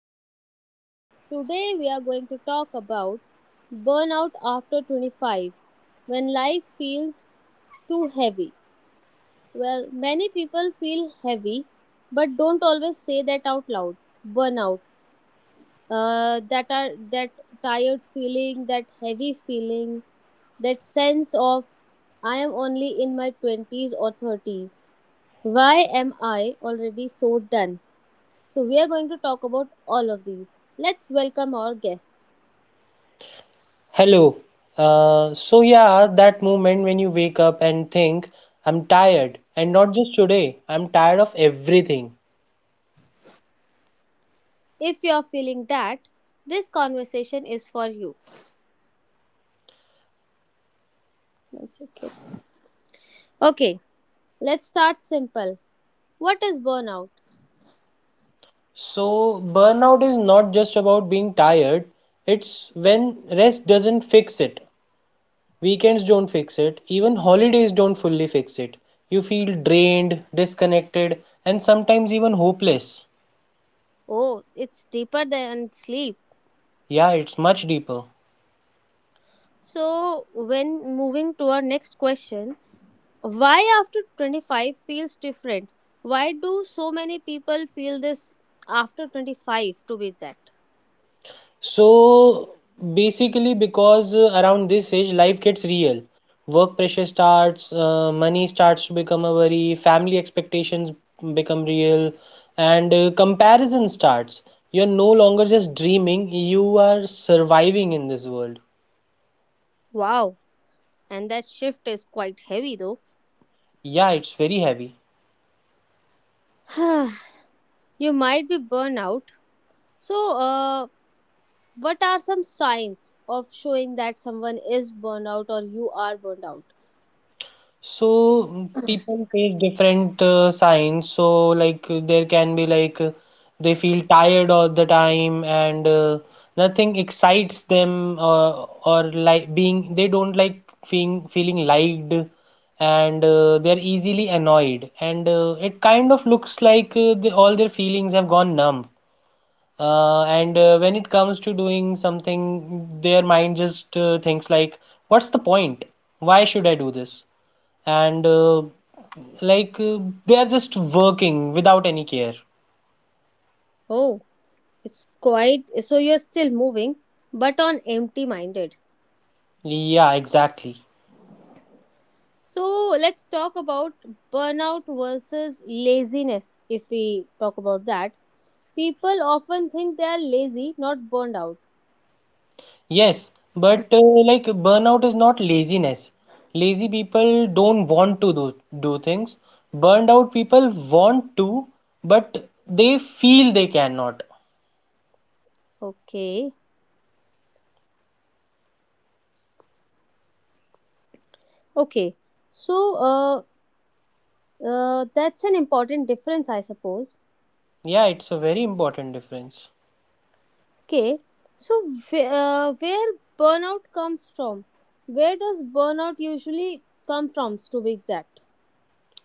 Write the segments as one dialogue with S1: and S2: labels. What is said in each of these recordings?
S1: podcast. Today, we are going to talk about burnout after 25 when life feels too heavy. Well, many people feel heavy but don't always say that out loud. Burnout. Uh, that are that tired feeling, that heavy feeling, that sense of I am only in my 20s or 30s. Why am I already so done? So, we are going to talk about all of these. Let's welcome our guest.
S2: Hello. So yeah, that moment when you wake up and think, I'm tired, and not just today, I'm tired of everything.
S1: If you're feeling that, this conversation is for you. One second. Okay, let's start simple. What is burnout?
S2: So burnout is not just about being tired, it's when rest doesn't fix it. Weekends don't fix it, even holidays don't fully fix it. You feel drained, disconnected, and sometimes even hopeless.
S1: Oh, it's deeper than sleep.
S2: Yeah, it's much deeper.
S1: So, when moving to our next question, why after 25 feels different? Why do so many people feel this after 25 to be exact?
S2: So basically, because around this age, life gets real. Work pressure starts, money starts to become a worry, family expectations become real, and comparison starts. You're no longer just dreaming, you are surviving in this world.
S1: Wow, and that shift is quite heavy though.
S2: Yeah, it's very heavy.
S1: You might be burnout. So, what are some signs of showing that someone is burned out or you are burned out?
S2: So people face different signs. So like there can be like They feel tired all the time and nothing excites them or like being they don't like feeling liked, and they're easily annoyed, and it kind of looks like all their feelings have gone numb. And when it comes to doing something, their mind just thinks like, what's the point? Why should I do this? And like They are just working without any care.
S1: Oh, it's quite so you're still moving, but on empty minded.
S2: Yeah, exactly.
S1: So, let's talk about burnout versus laziness if we talk about that. People often think they are lazy, not burned out.
S2: Yes, but like burnout is not laziness. Lazy people don't want to do things. Burned out people want to, but they feel they cannot.
S1: Okay, okay. So, uh, that's an important difference, I suppose.
S2: Yeah, it's a very important difference.
S1: Okay, so where burnout comes from? Where does burnout usually come from, to be exact?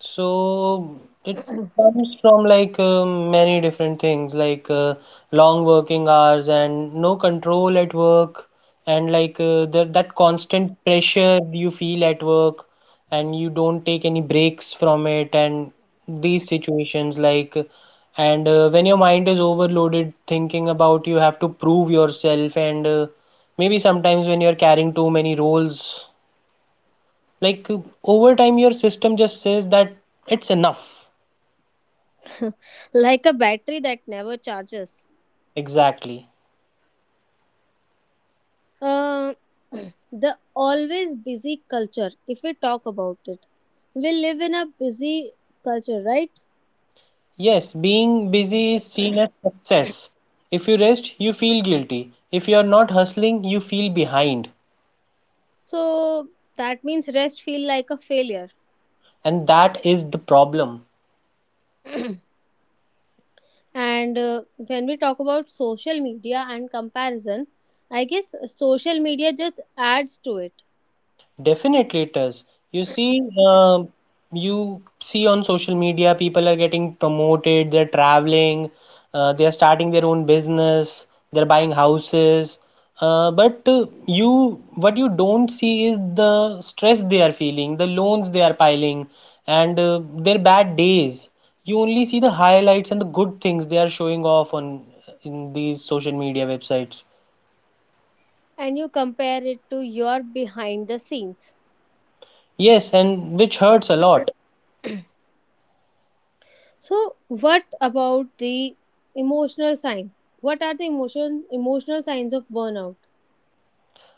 S2: So it comes from like many different things, like long working hours and no control at work, and like uh, that constant pressure you feel at work, and you don't take any breaks from it, and these situations like, and when your mind is overloaded, thinking about you have to prove yourself, and maybe sometimes when you're carrying too many roles like uh, over time your system just says that it's enough.
S1: Like a battery that never charges.
S2: Exactly.
S1: Uh, the always busy culture, if we talk about it, we live in a busy culture, right?
S2: Yes, being busy is seen as success. If you rest, you feel guilty. If you are not hustling, you feel behind.
S1: So that means rest feel like a failure.
S2: And that is the problem.
S1: And When we talk about social media and comparison, I guess social media just adds to it
S2: Definitely it does. You see, uh, you see on social media, people are getting promoted, they're traveling, they are starting their own business, they're buying houses. What you don't see is the stress they are feeling, the loans they are piling, and their bad days. You only see the highlights and the good things they are showing off on in these social media websites.
S1: and you compare it to your behind the scenes.
S2: Yes, and which hurts a lot.
S1: So, what about the emotional signs? What are the emotional signs of burnout?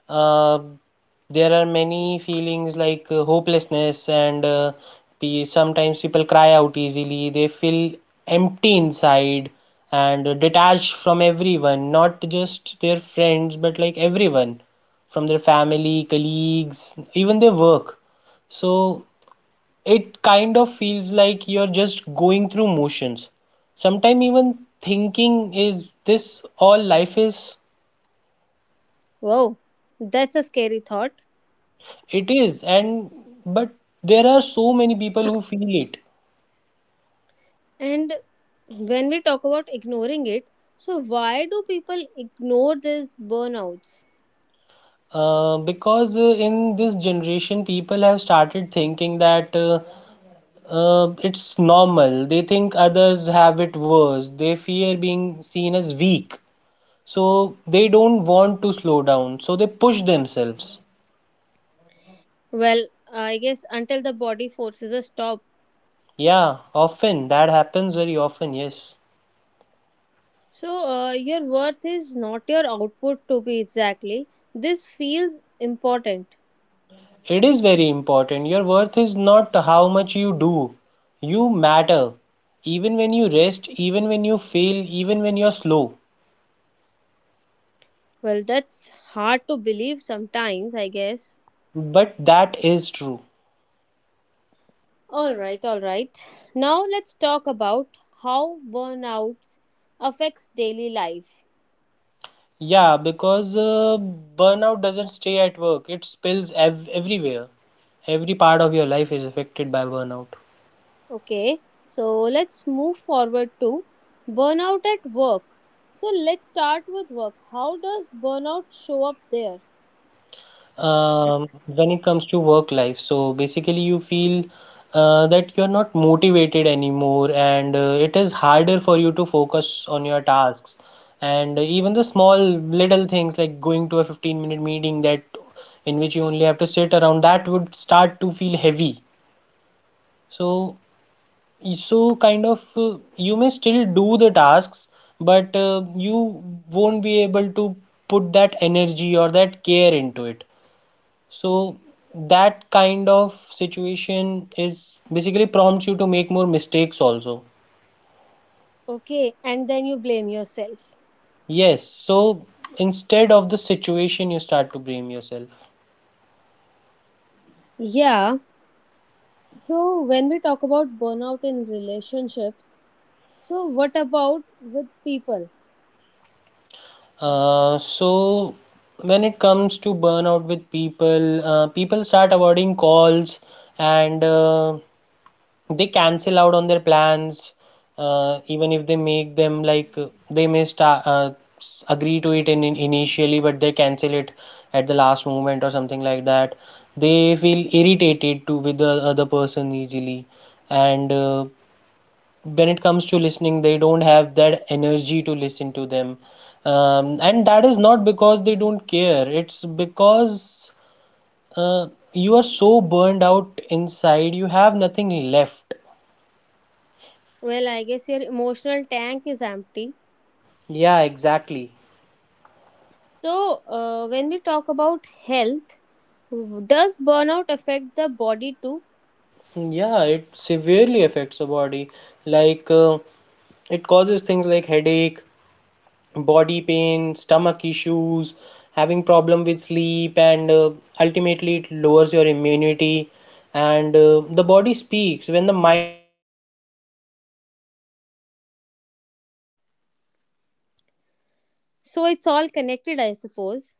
S2: Um there are many feelings like hopelessness, and sometimes people cry out easily, they feel empty inside, and detached from everyone, not just their friends but like everyone, from their family, colleagues, even their work. So it kind of feels like you're just going through motions, sometimes even thinking, is this all life is?
S1: Wow, that's a scary thought.
S2: It is, and but there are so many people who feel it.
S1: And when we talk about ignoring it, so why do people ignore these burnouts?
S2: Because in this generation, people have started thinking that it's normal. They think others have it worse. They fear being seen as weak, so they don't want to slow down, so they push themselves.
S1: Well, I guess until the body forces a stop.
S2: Yeah, often that happens, very often, yes.
S1: So, your worth is not your output to be exactly. This feels important.
S2: It is very important. Your worth is not how much you do. You matter. Even when you rest, even when you fail, even when you're slow.
S1: Well, that's hard to believe sometimes, I guess.
S2: But that is true.
S1: All right, all right. Now, let's talk about how burnout affects daily life.
S2: Yeah, because burnout doesn't stay at work, it spills everywhere. Every part of your life is affected by burnout.
S1: Okay, so let's move forward to burnout at work. So, let's start with work. How does burnout show up there?
S2: When it comes to work life, so basically, you feel that you're not motivated anymore, and it is harder for you to focus on your tasks. And even the small little things like going to a 15-minute minute meeting that in which you only have to sit around, that would start to feel heavy. So, you may still do the tasks, but you won't be able to put that energy or that care into it, so that kind of situation is basically prompts you to make more mistakes also.
S1: Okay, and then you blame yourself.
S2: Yes, so instead of the situation you start to blame yourself.
S1: Yeah. So, when we talk about burnout in relationships, so what about with people?
S2: So when it comes to burnout with people, people start avoiding calls, and they cancel out on their plans, even if they make them. They may start agree to it in initially, but they cancel it at the last moment or something like that. They feel irritated to with the other person easily, and when it comes to listening they don't have that energy to listen to them. And that is not because they don't care, it's because uh, you are so burned out inside you have nothing left.
S1: Well, I guess your emotional tank is empty.
S2: Yeah, exactly.
S1: So, when we talk about health, does burnout affect the body too?
S2: Yeah, it severely affects the body, like it causes things like headache, body pain, stomach issues, having problem with sleep, and ultimately it lowers your immunity, and the body
S1: So, it's all connected, I suppose.